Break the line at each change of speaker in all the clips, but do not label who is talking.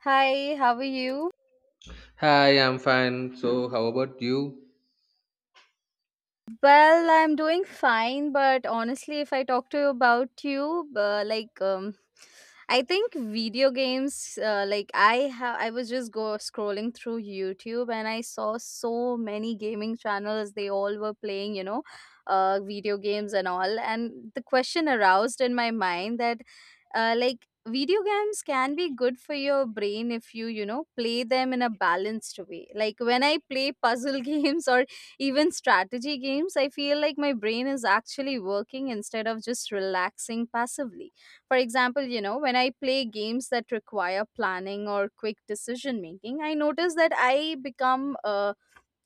Hi, how are you?
Hi, I'm fine. So, how about you?
Well, I'm doing fine, but honestly, if I talk to you about you, I think video games, I was just go scrolling through YouTube and I saw so many gaming channels. They all were playing, video games and all. And the question aroused in my mind that, video games can be good for your brain if you play them in a balanced way. Like when I play puzzle games or even strategy games, I feel like my brain is actually working instead of just relaxing passively. For example, when I play games that require planning or quick decision making, I notice that I become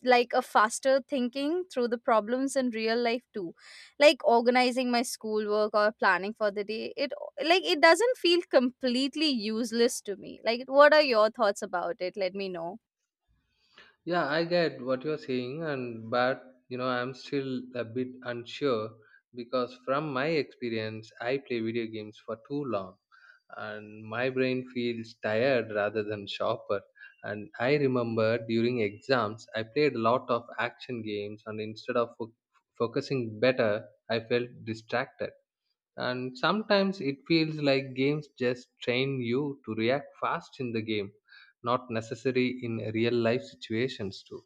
like a faster thinking through the problems in real life too. Like organizing my schoolwork or planning for the day, it, like, it doesn't feel completely useless to me. Like, what are your thoughts about it? Let me know.
Yeah, I get what you're saying, and but you know, I'm still a bit unsure because from my experience, I play video games for too long, and my brain feels tired rather than sharper. And I remember during exams, I played a lot of action games, and instead of focusing better, I felt distracted. And sometimes it feels like games just train you to react fast in the game, not necessary in real life situations too.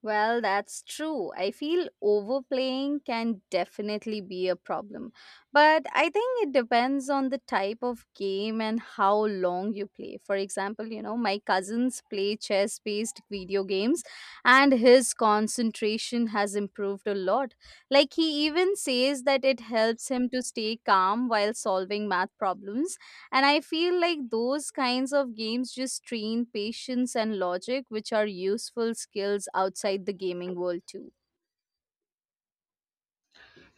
Well, that's true. I feel overplaying can definitely be a problem. But I think it depends on the type of game and how long you play. For example, my cousins play chess based video games and his concentration has improved a lot. Like, he even says that it helps him to stay calm while solving math problems. And I feel like those kinds of games just train patience and logic, which are useful skills outside the gaming world too.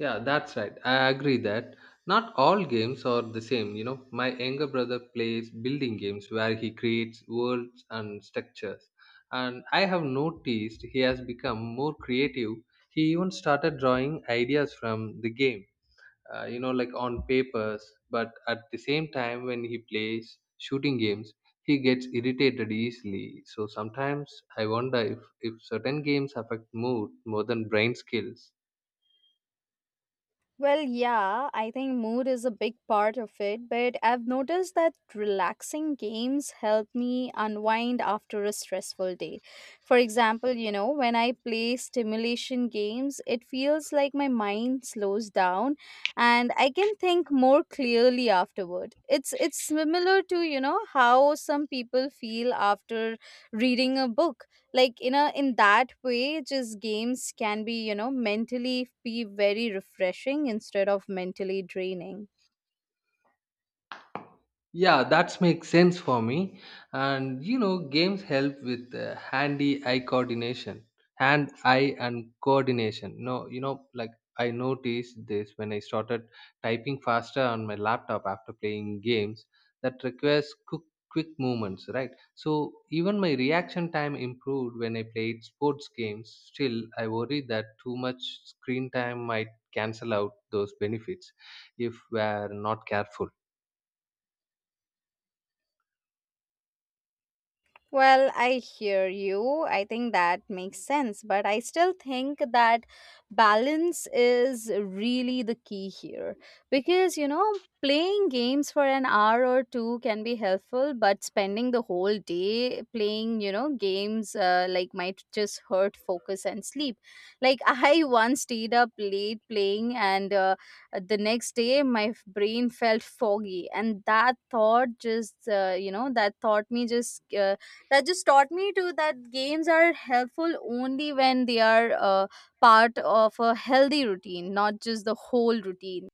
Yeah, that's right. I agree that not all games are the same. You know, my younger brother plays building games where he creates worlds and structures, and I have noticed he has become more creative. He even started drawing ideas from the game, like on papers. But at the same time, when he plays shooting games, he gets irritated easily. So sometimes I wonder if certain games affect mood more than brain skills.
Well, yeah, I think mood is a big part of it, but I've noticed that relaxing games help me unwind after a stressful day. For example, when I play stimulation games, it feels like my mind slows down and I can think more clearly afterward. It's similar to, you know, how some people feel after reading a book, like in a in that way just games can be, mentally, be very refreshing instead of mentally draining.
Yeah, that makes sense for me. And you know, games help with hand eye and coordination. No, you know, like I noticed this when I started typing faster on my laptop after playing games that requires quick movements, right? So even my reaction time improved when I played sports games. Still, I worry that too much screen time might cancel out those benefits if we are not careful.
Well, I hear you. I think that makes sense. But I still think that balance is really the key here. Because, you know, playing games for an hour or two can be helpful, but spending the whole day playing, games like might just hurt focus and sleep. Like, I once stayed up late playing, and the next day my brain felt foggy. And that thought just, you know, that thought me just. That just taught me too that games are helpful only when they are part of a healthy routine, not just the whole routine.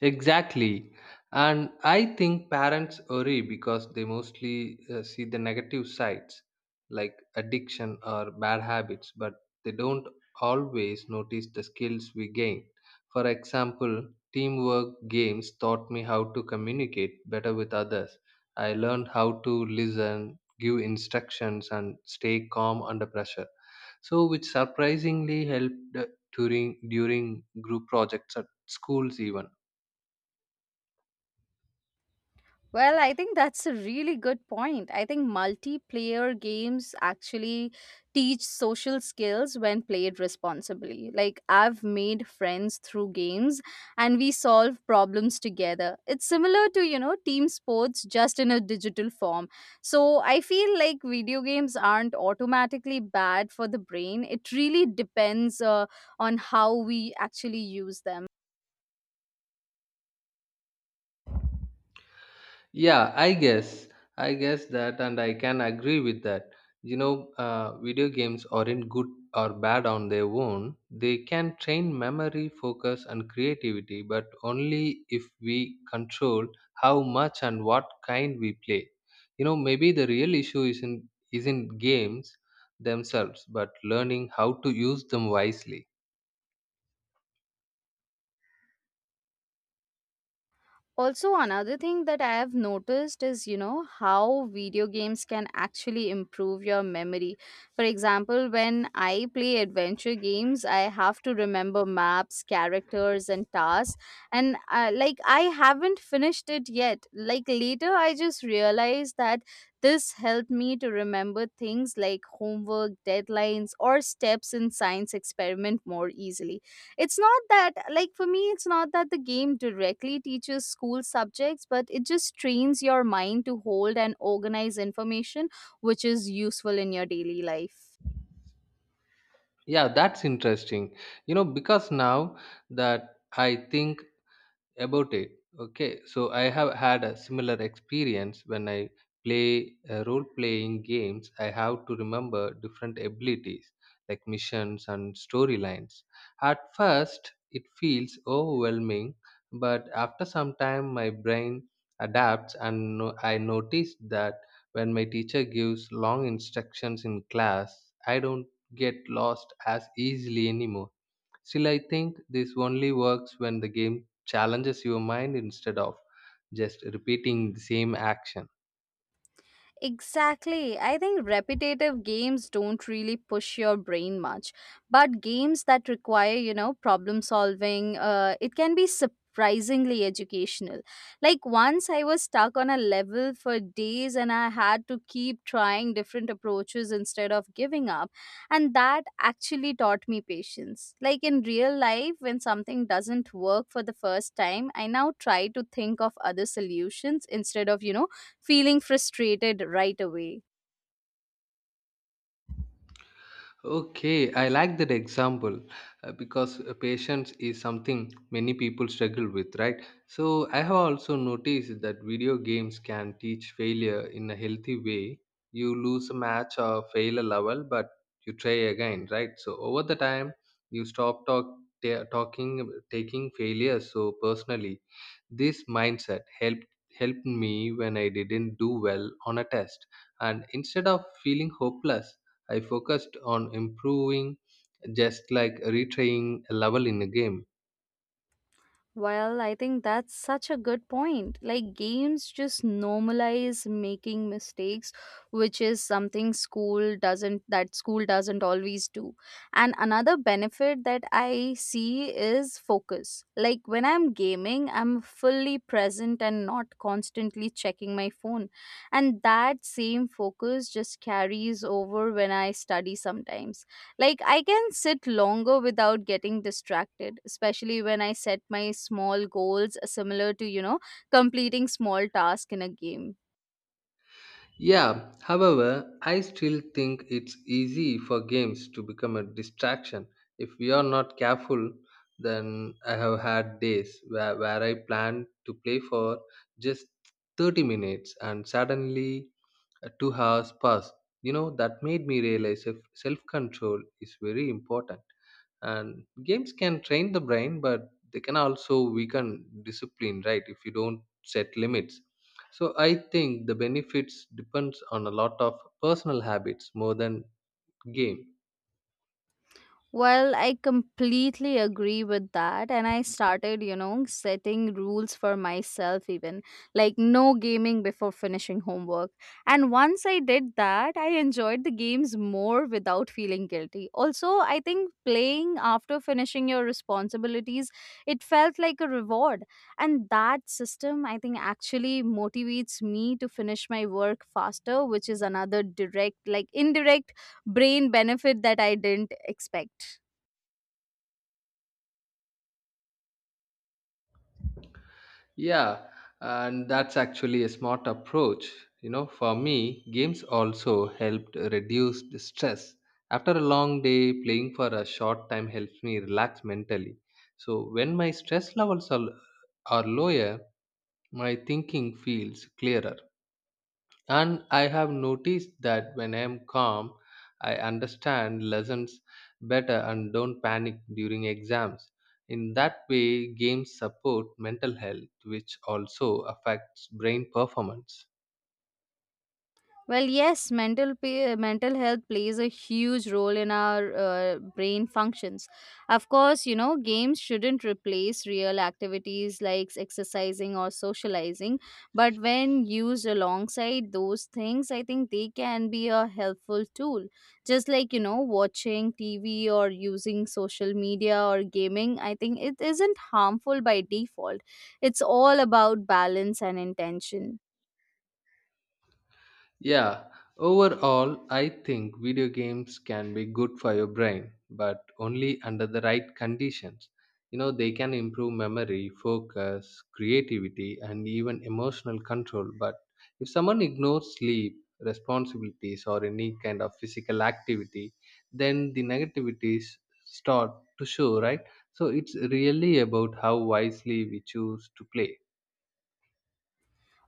Exactly. And I think parents worry because they mostly see the negative sides like addiction or bad habits, but they don't always notice the skills we gain. For example, teamwork games taught me how to communicate better with others. I learned how to listen, give instructions, and stay calm under pressure. So, which surprisingly helped during group projects at schools even.
Well, I think that's a really good point. I think multiplayer games actually teach social skills when played responsibly. Like, I've made friends through games and we solve problems together. It's similar to, you know, team sports just in a digital form. So, I feel like video games aren't automatically bad for the brain. It really depends on how we actually use them.
Yeah, I guess. And I can agree with that. You know, video games aren't good or bad on their own. They can train memory, focus, and creativity, but only if we control how much and what kind we play. You know, maybe the real issue isn't games themselves, but learning how to use them wisely.
Also, another thing that I have noticed is, you know, how video games can actually improve your memory. For example, when I play adventure games, I have to remember maps, characters, and tasks. And like, I haven't finished it yet. Like, later, I just realized that this helped me to remember things like homework, deadlines, or steps in science experiment more easily. It's not that, like, for me, it's not that the game directly teaches school subjects, but it just trains your mind to hold and organize information, which is useful in your daily life.
Yeah, that's interesting. You know, because now that I think about it, okay, so I have had a similar experience when I play role playing games. I have to remember different abilities like missions and storylines. At first it feels overwhelming, but after some time my brain adapts and I notice that when my teacher gives long instructions in class, I don't get lost as easily anymore. Still, I think this only works when the game challenges your mind instead of just repeating the same action.
Exactly. I think repetitive games don't really push your brain much, but games that require, you know, problem solving, it can be surprisingly educational. Like once I was stuck on a level for days and I had to keep trying different approaches instead of giving up, and that actually taught me patience. Like in real life when something doesn't work for the first time, I now try to think of other solutions instead of, feeling frustrated right away.
Okay, I like that example, because patience is something many people struggle with, right? So, I have also noticed that video games can teach failure in a healthy way. You lose a match or fail a level, but you try again, right? So, over the time, you stop taking failure so personally. This mindset helped me when I didn't do well on a test, and instead of feeling hopeless, I focused on improving just like retrying a level in a game.
Well, I think that's such a good point. Like, games just normalize making mistakes, which is something school doesn't, that school doesn't always do. And another benefit that I see is focus. Like, when I'm gaming, I'm fully present and not constantly checking my phone. And that same focus just carries over when I study sometimes. Like, I can sit longer without getting distracted, especially when I set my small goals, similar to, you know, completing small tasks in a game.
Yeah, however, I still think it's easy for games to become a distraction. If we are not careful, then I have had days where I planned to play for just 30 minutes and suddenly 2 hours passed. You know, that made me realize if self control is very important. And games can train the brain, but they can also weaken discipline, right? If you don't set limits, so I think the benefits depends on a lot of personal habits more than game.
Well, I completely agree with that. And I started, you know, setting rules for myself, even like no gaming before finishing homework. And once I did that, I enjoyed the games more without feeling guilty. Also, I think playing after finishing your responsibilities, it felt like a reward. And that system, I think, actually motivates me to finish my work faster, which is another direct, like indirect brain benefit that I didn't expect.
Yeah, and that's actually a smart approach. You know, for me games also helped reduce the stress. After a long day playing for a short time helps me relax mentally. So when my stress levels are lower, my thinking feels clearer. And I have noticed that when I am calm, I understand lessons better and don't panic during exams. In that way, games support mental health, which also affects brain performance.
Well, yes, mental health plays a huge role in our brain functions. Of course, you know, games shouldn't replace real activities like exercising or socializing, but when used alongside those things, I think they can be a helpful tool. Just like, you know, watching TV or using social media or gaming, I think it isn't harmful by default. It's all about balance and intention.
Yeah, overall, I think video games can be good for your brain, but only under the right conditions. You know, they can improve memory, focus, creativity, and even emotional control. But if someone ignores sleep, responsibilities, or any kind of physical activity, then the negativities start to show, right? So it's really about how wisely we choose to play.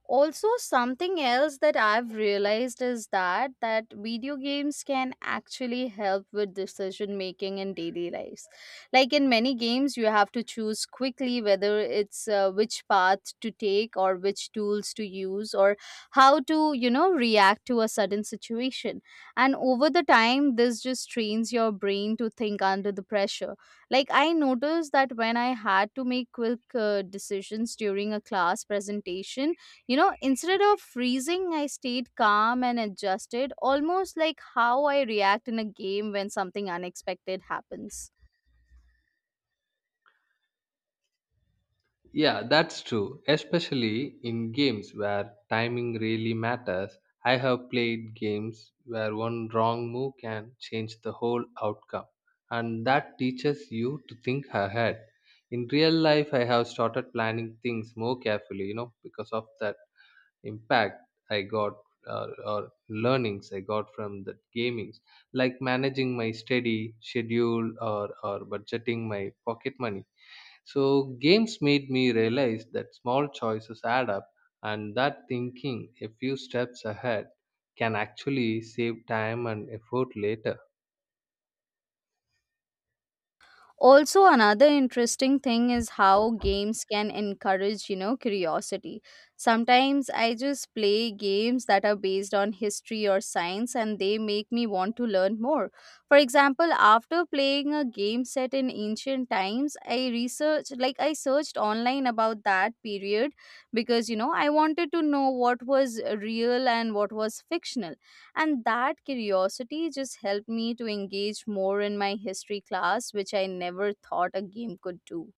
Also, something else that I've realized is that video games can actually help with decision making in daily lives. Like in many games you have to choose quickly whether it's which path to take or which tools to use or how to, you know, react to a sudden situation. And over the time this just trains your brain to think under the pressure. Like I noticed that when I had to make quick decisions during a class presentation, you know, instead of freezing, I stayed calm and adjusted, almost like how I react in a game when something unexpected happens.
Yeah, that's true, especially in games where timing really matters. I have played games where one wrong move can change the whole outcome, and that teaches you to think ahead. In real life, I have started planning things more carefully, you know, because of that impact I got, or learnings I got from the gamings, like managing my steady schedule or budgeting my pocket money. So, games made me realize that small choices add up, and that thinking a few steps ahead can actually save time and effort later.
Also, another interesting thing is how games can encourage, curiosity. Sometimes I just play games that are based on history or science and they make me want to learn more. For example, after playing a game set in ancient times, I researched like I searched online about that period because, you know, I wanted to know what was real and what was fictional. And that curiosity just helped me to engage more in my history class, which I never thought a game could do.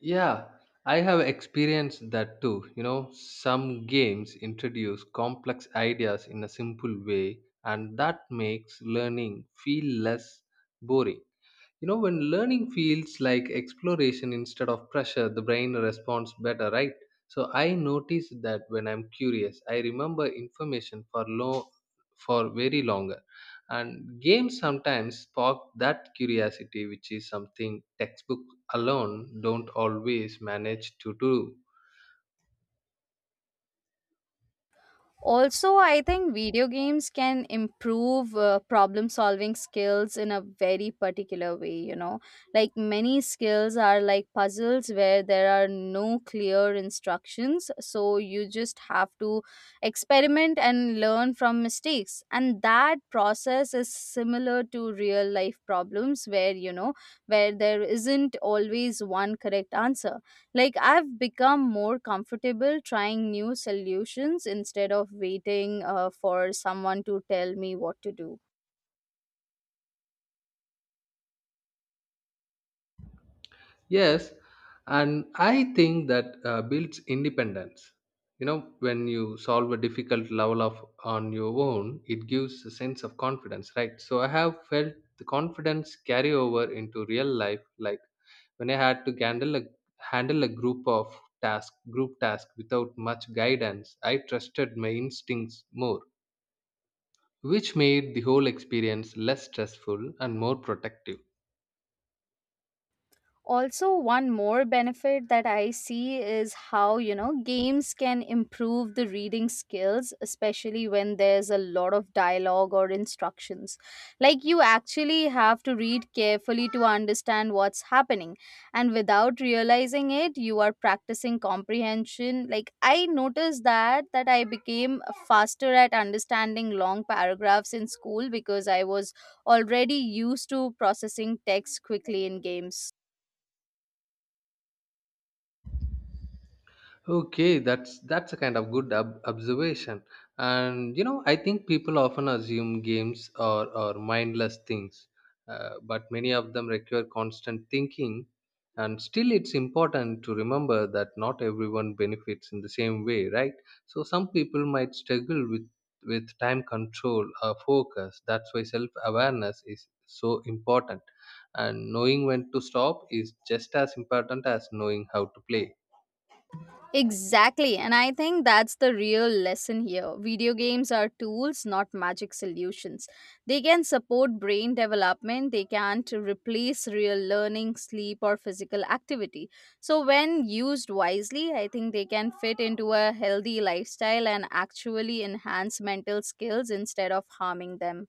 Yeah, I have experienced that too. You know, some games introduce complex ideas in a simple way, and that makes learning feel less boring. You know, when learning feels like exploration instead of pressure, the brain responds better, right? So I notice that when I'm curious, I remember information for long, for very longer. And games sometimes spark that curiosity, which is something textbook alone don't always manage to do.
Also, I think video games can improve problem solving skills in a very particular way, you know. Like many skills are like puzzles where there are no clear instructions, so you just have to experiment and learn from mistakes. And that process is similar to real life problems where, you know, where there isn't always one correct answer. Like, I've become more comfortable trying new solutions instead of waiting for someone to tell me what to do.
Yes, and I think that builds independence. You know, when you solve a difficult level of on your own, it gives a sense of confidence, right? So I have felt the confidence carry over into real life, like when I had to handle a group of task group task without much guidance. I trusted my instincts more, which made the whole experience less stressful and more protective.
Also, one more benefit that I see is how, you know, games can improve the reading skills, especially when there's a lot of dialogue or instructions. Like you actually have to read carefully to understand what's happening, and without realizing it you are practicing comprehension. Like I noticed that I became faster at understanding long paragraphs in school because I was already used to processing text quickly in games.
Okay, that's a kind of good observation. And you know, I think people often assume games are mindless things, but many of them require constant thinking. And still, it's important to remember that not everyone benefits in the same way, right? So some people might struggle with time control or focus. That's why self awareness is so important, and knowing when to stop is just as important as knowing how to play.
Exactly, and I think that's the real lesson here. Video games are tools, not magic solutions. They can support brain development, they can't replace real learning, sleep, or physical activity. So, when used wisely, I think they can fit into a healthy lifestyle and actually enhance mental skills instead of harming them.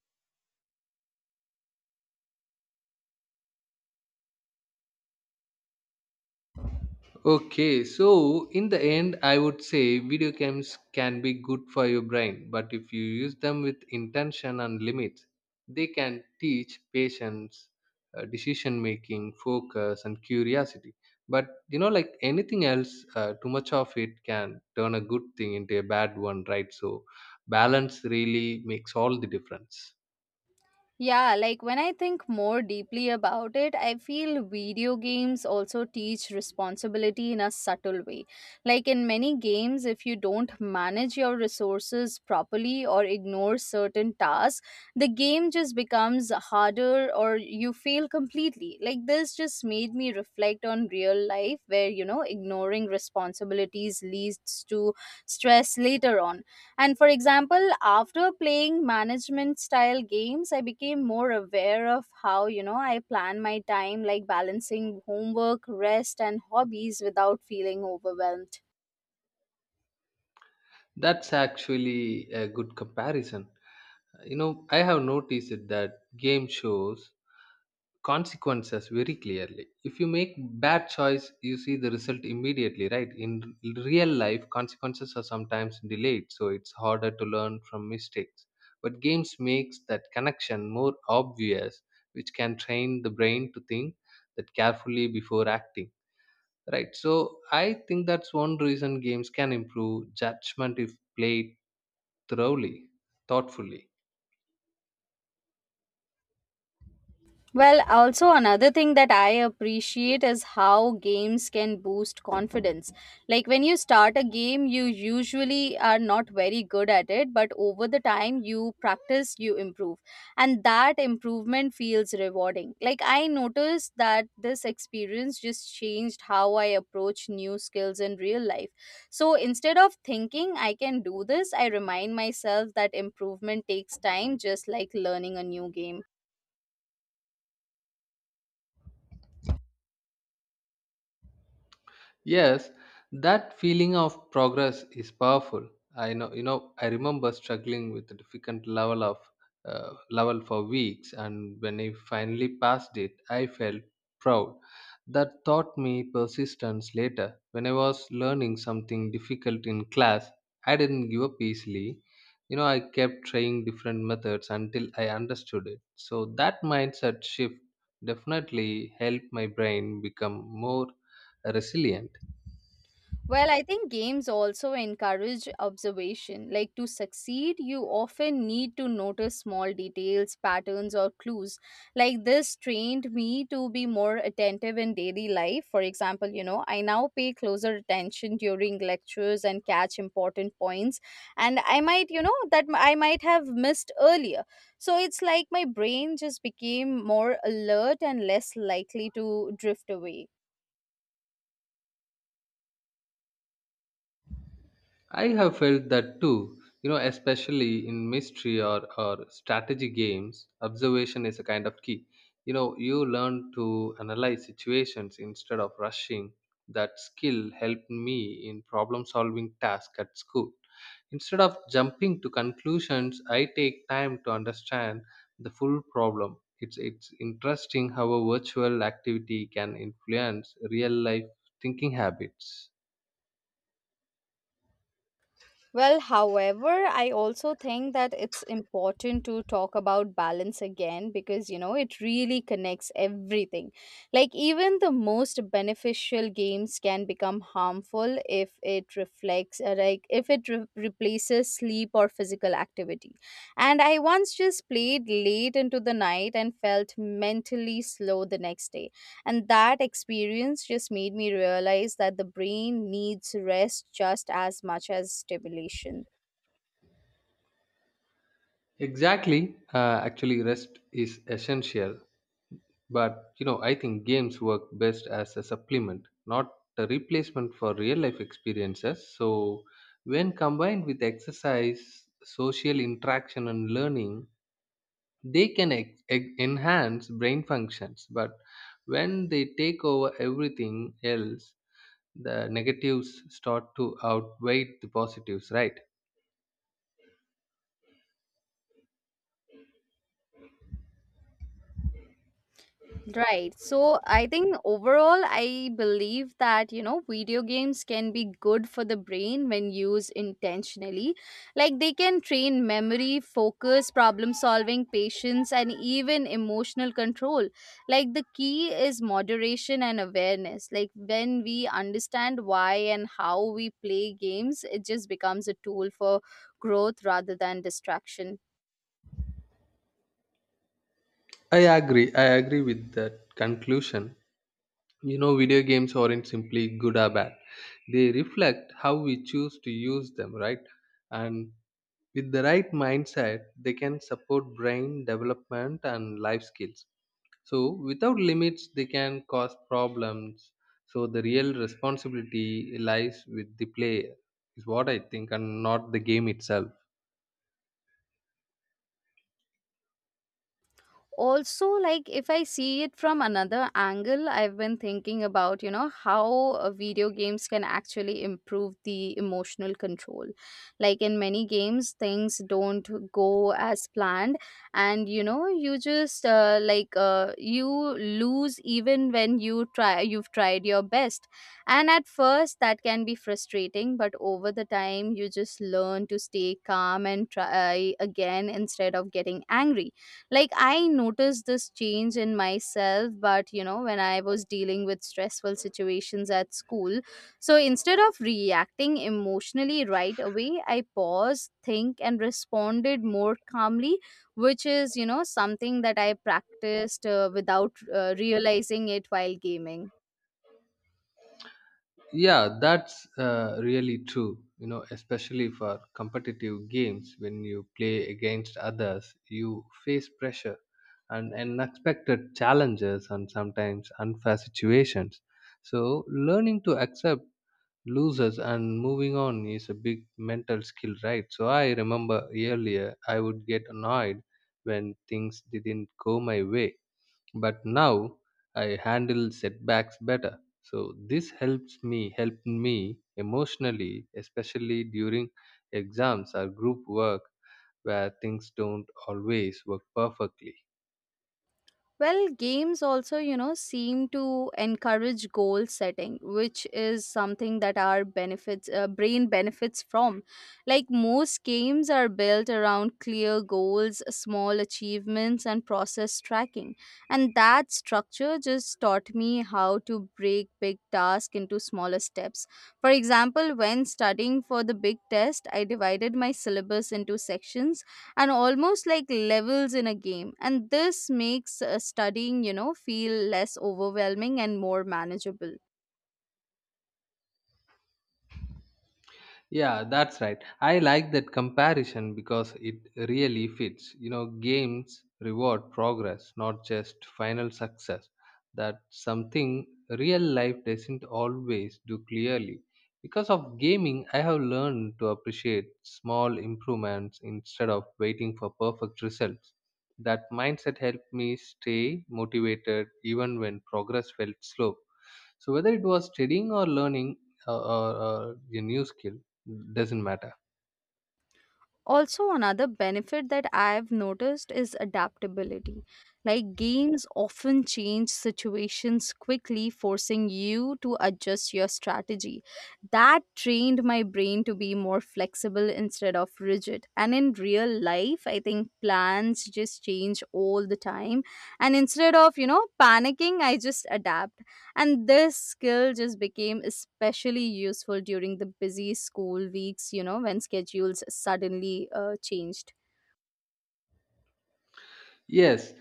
Okay, so in the end, I would say video games can be good for your brain, but if you use them with intention and limits, they can teach patience, decision making, focus, and curiosity. But you know, like anything else, too much of it can turn a good thing into a bad one, right? So, balance really makes all the difference.
Yeah, like when I think more deeply about it, I feel video games also teach responsibility in a subtle way. Like in many games, if you don't manage your resources properly or ignore certain tasks, the game just becomes harder or you fail completely. Like this just made me reflect on real life where, you know, ignoring responsibilities leads to stress later on. And for example, after playing management style games, I became more aware of how, you know, I plan my time, like balancing homework, rest, and hobbies without feeling overwhelmed.
That's actually a good comparison. You know, I have noticed it that game shows consequences very clearly. If you make bad choice, you see the result immediately, right? In real life consequences are sometimes delayed, so it's harder to learn from mistakes. But games makes that connection more obvious, which can train the brain to think that carefully before acting, right? So I think that's one reason games can improve judgment if played thoroughly thoughtfully.
Well, also another thing that I appreciate is how games can boost confidence. Like when you start a game, you usually are not very good at it, but over the time you practice, you improve. And that improvement feels rewarding. Like I noticed that this experience just changed how I approach new skills in real life. So instead of thinking I can do this, I remind myself that improvement takes time, just like learning a new game.
Yes, that feeling of progress is powerful. I know, you know, I remember struggling with a difficult level for weeks, and when I finally passed it, I felt proud. That taught me persistence later. When I was learning something difficult in class, I didn't give up easily. You know, I kept trying different methods until I understood it. So that mindset shift definitely helped my brain become more resilient.
Well, I think games also encourage observation. Like to succeed, you often need to notice small details, patterns, or clues. Like this trained me to be more attentive in daily life. For example, you know, I now pay closer attention during lectures and catch important points. And I might, I might have missed earlier. So it's like my brain just became more alert and less likely to drift away.
I have felt that too, you know, especially in mystery or strategy games, observation is a kind of key. You know, you learn to analyze situations instead of rushing. That skill helped me in problem solving tasks at school. Instead of jumping to conclusions, I take time to understand the full problem. It's interesting how a virtual activity can influence real life thinking habits.
Well, however, I also think that it's important to talk about balance again because, you know, it really connects everything. Like, even the most beneficial games can become harmful if it reflects, like, if it replaces sleep or physical activity. And I once just played late into the night and felt mentally slow the next day. And that experience just made me realize that the brain needs rest just as much as stimulation.
Exactly. Actually, rest is essential, but you know, I think games work best as a supplement, not a replacement for real life experiences. So, when combined with exercise, social interaction, and learning, they can enhance brain functions. But when they take over everything else, the negatives start to outweigh the positives, right?
Right. So I think overall, I believe that, you know, video games can be good for the brain when used intentionally. Like they can train memory, focus, problem solving, patience, and even emotional control. Like the key is moderation and awareness. Like when we understand why and how we play games, it just becomes a tool for growth rather than distraction.
I agree. I agree with that conclusion. You know, video games aren't simply good or bad. They reflect how we choose to use them, right? And with the right mindset, they can support brain development and life skills. So, without limits, they can cause problems. So, the real responsibility lies with the player, is what I think, and not the game itself.
Also, like, if I see it from another angle, I've been thinking about, you know, how video games can actually improve the emotional control. Like in many games things don't go as planned, and you know, you just like you lose even when you've tried your best. And at first that can be frustrating, but over the time you just learn to stay calm and try again instead of getting angry. Like I noticed this change in myself, but you know, when I was dealing with stressful situations at school, so instead of reacting emotionally right away, I paused, think, and responded more calmly, which is, you know, something that I practiced without realizing it while gaming.
Yeah, that's really true. You know, especially for competitive games, when you play against others, you face pressure and unexpected challenges and sometimes unfair situations. So, learning to accept losers and moving on is a big mental skill, right? So, I remember earlier I would get annoyed when things didn't go my way, but now I handle setbacks better, so this helps me helped me emotionally, especially during exams or group work where things don't always work perfectly.
Well, games also, you know, seem to encourage goal setting, which is something that our benefits brain benefits from. Like most games are built around clear goals, small achievements, and process tracking. And that structure just taught me how to break big tasks into smaller steps. For example, when studying for the big test, I divided my syllabus into sections and almost like levels in a game, and this makes studying, you know, feel less overwhelming and more manageable.
Yeah, that's right. I like that comparison because it really fits. You know, games reward progress, not just final success. That's something real life doesn't always do clearly. Because of gaming, I have learned to appreciate small improvements instead of waiting for perfect results. That mindset helped me stay motivated even when progress felt slow. So whether it was studying or learning, or a new skill, doesn't matter.
Also another benefit that I've noticed is adaptability. Like games often change situations quickly, forcing you to adjust your strategy. That trained my brain to be more flexible instead of rigid, and in real life I think plans just change all the time. And instead of, you know, panicking, I just adapt. And this skill just became especially useful during the busy school weeks, you know, when schedules suddenly changed.
Yes,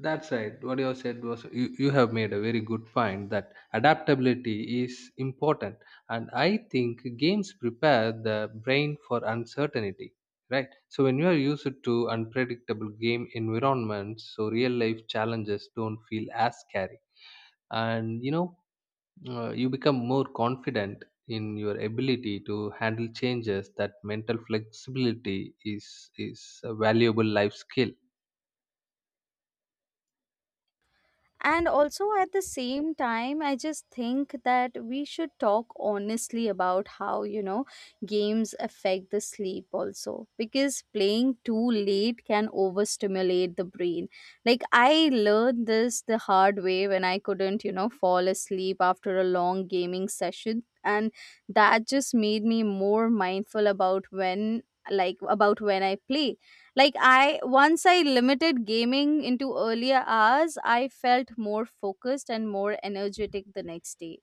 that's right. What you have said was you have made a very good point that adaptability is important, and I think games prepare the brain for uncertainty. Right. So when you are used to unpredictable game environments, so real life challenges don't feel as scary. And you know, you become more confident in your ability to handle changes. That mental flexibility is a valuable life skill.
And also at the same time, I just think that we should talk honestly about how, you know, games affect the sleep also. Because playing too late can overstimulate the brain. Like, I learned this the hard way when I couldn't, you know, fall asleep after a long gaming session. And that just made me more mindful about when, like, about when I play. Like I once I limited gaming into earlier hours, I felt more focused and more energetic the next day.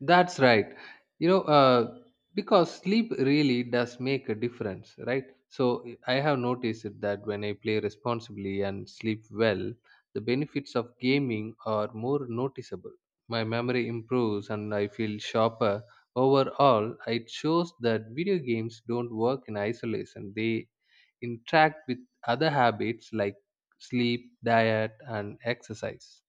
That's right. You know, because sleep really does make a difference, right? So I have noticed it that when I play responsibly and sleep well, the benefits of gaming are more noticeable. My memory improves and I feel sharper. Overall, it shows that video games don't work in isolation. They interact with other habits like sleep, diet, and exercise.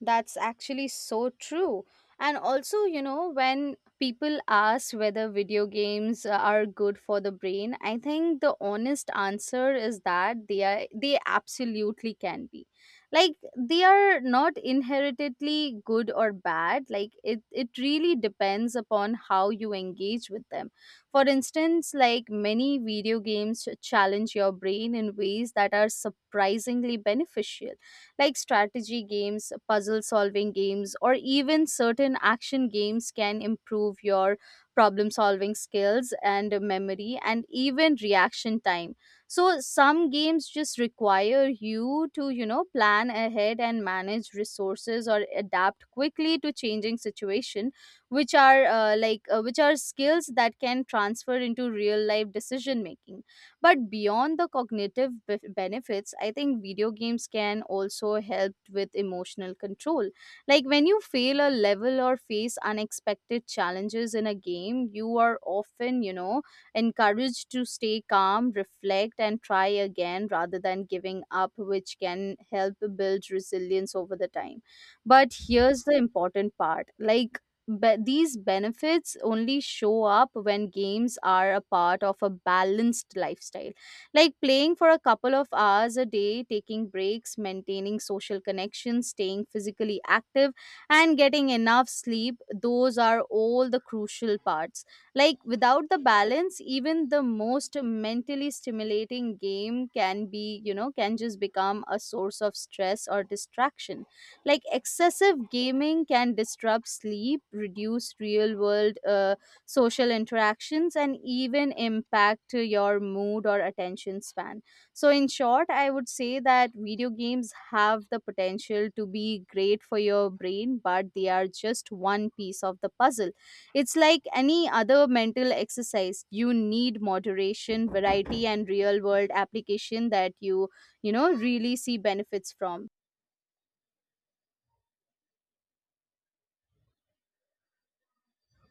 That's actually so true. And also, you know, when people ask whether video games are good for the brain, I think the honest answer is that they absolutely can be. Like they are not inheritedly good or bad. Like it really depends upon how you engage with them. For instance, like many video games challenge your brain in ways that are surprisingly beneficial, like strategy games, puzzle solving games, or even certain action games can improve your problem solving skills and memory and even reaction time. So some games just require you to, you know, plan ahead and manage resources or adapt quickly to changing situation, which are like which are skills that can transfer into real life decision making. But beyond the cognitive benefits, I think video games can also help with emotional control. Like when you fail a level or face unexpected challenges in a game, you are often, you know, encouraged to stay calm, reflect, and try again rather than giving up, which can help build resilience over the time. But here's the important part, like, but these benefits only show up when games are a part of a balanced lifestyle. Like playing for a couple of hours a day, taking breaks, maintaining social connections, staying physically active, and getting enough sleep, those are all the crucial parts. Like without the balance, even the most mentally stimulating game can be, you know, can just become a source of stress or distraction. Like excessive gaming can disrupt sleep, reduce real world social interactions, and even impact your mood or attention span. So, in short, I would say that video games have the potential to be great for your brain, but they are just one piece of the puzzle. It's like any other mental exercise. You need moderation, variety, and real world application that you know, really see benefits from.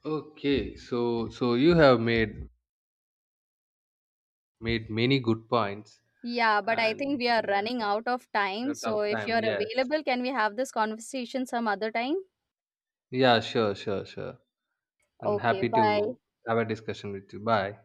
Okay, so you have made many good points,
Yeah, but I think
and
we are
yeah,
running out of time.
a
So
tough
if you're
time. Yes.
available, can we have this conversation some other time?
Yeah, sure, sure, sure. And
Okay,
happy
bye.
to have a discussion with you. Bye.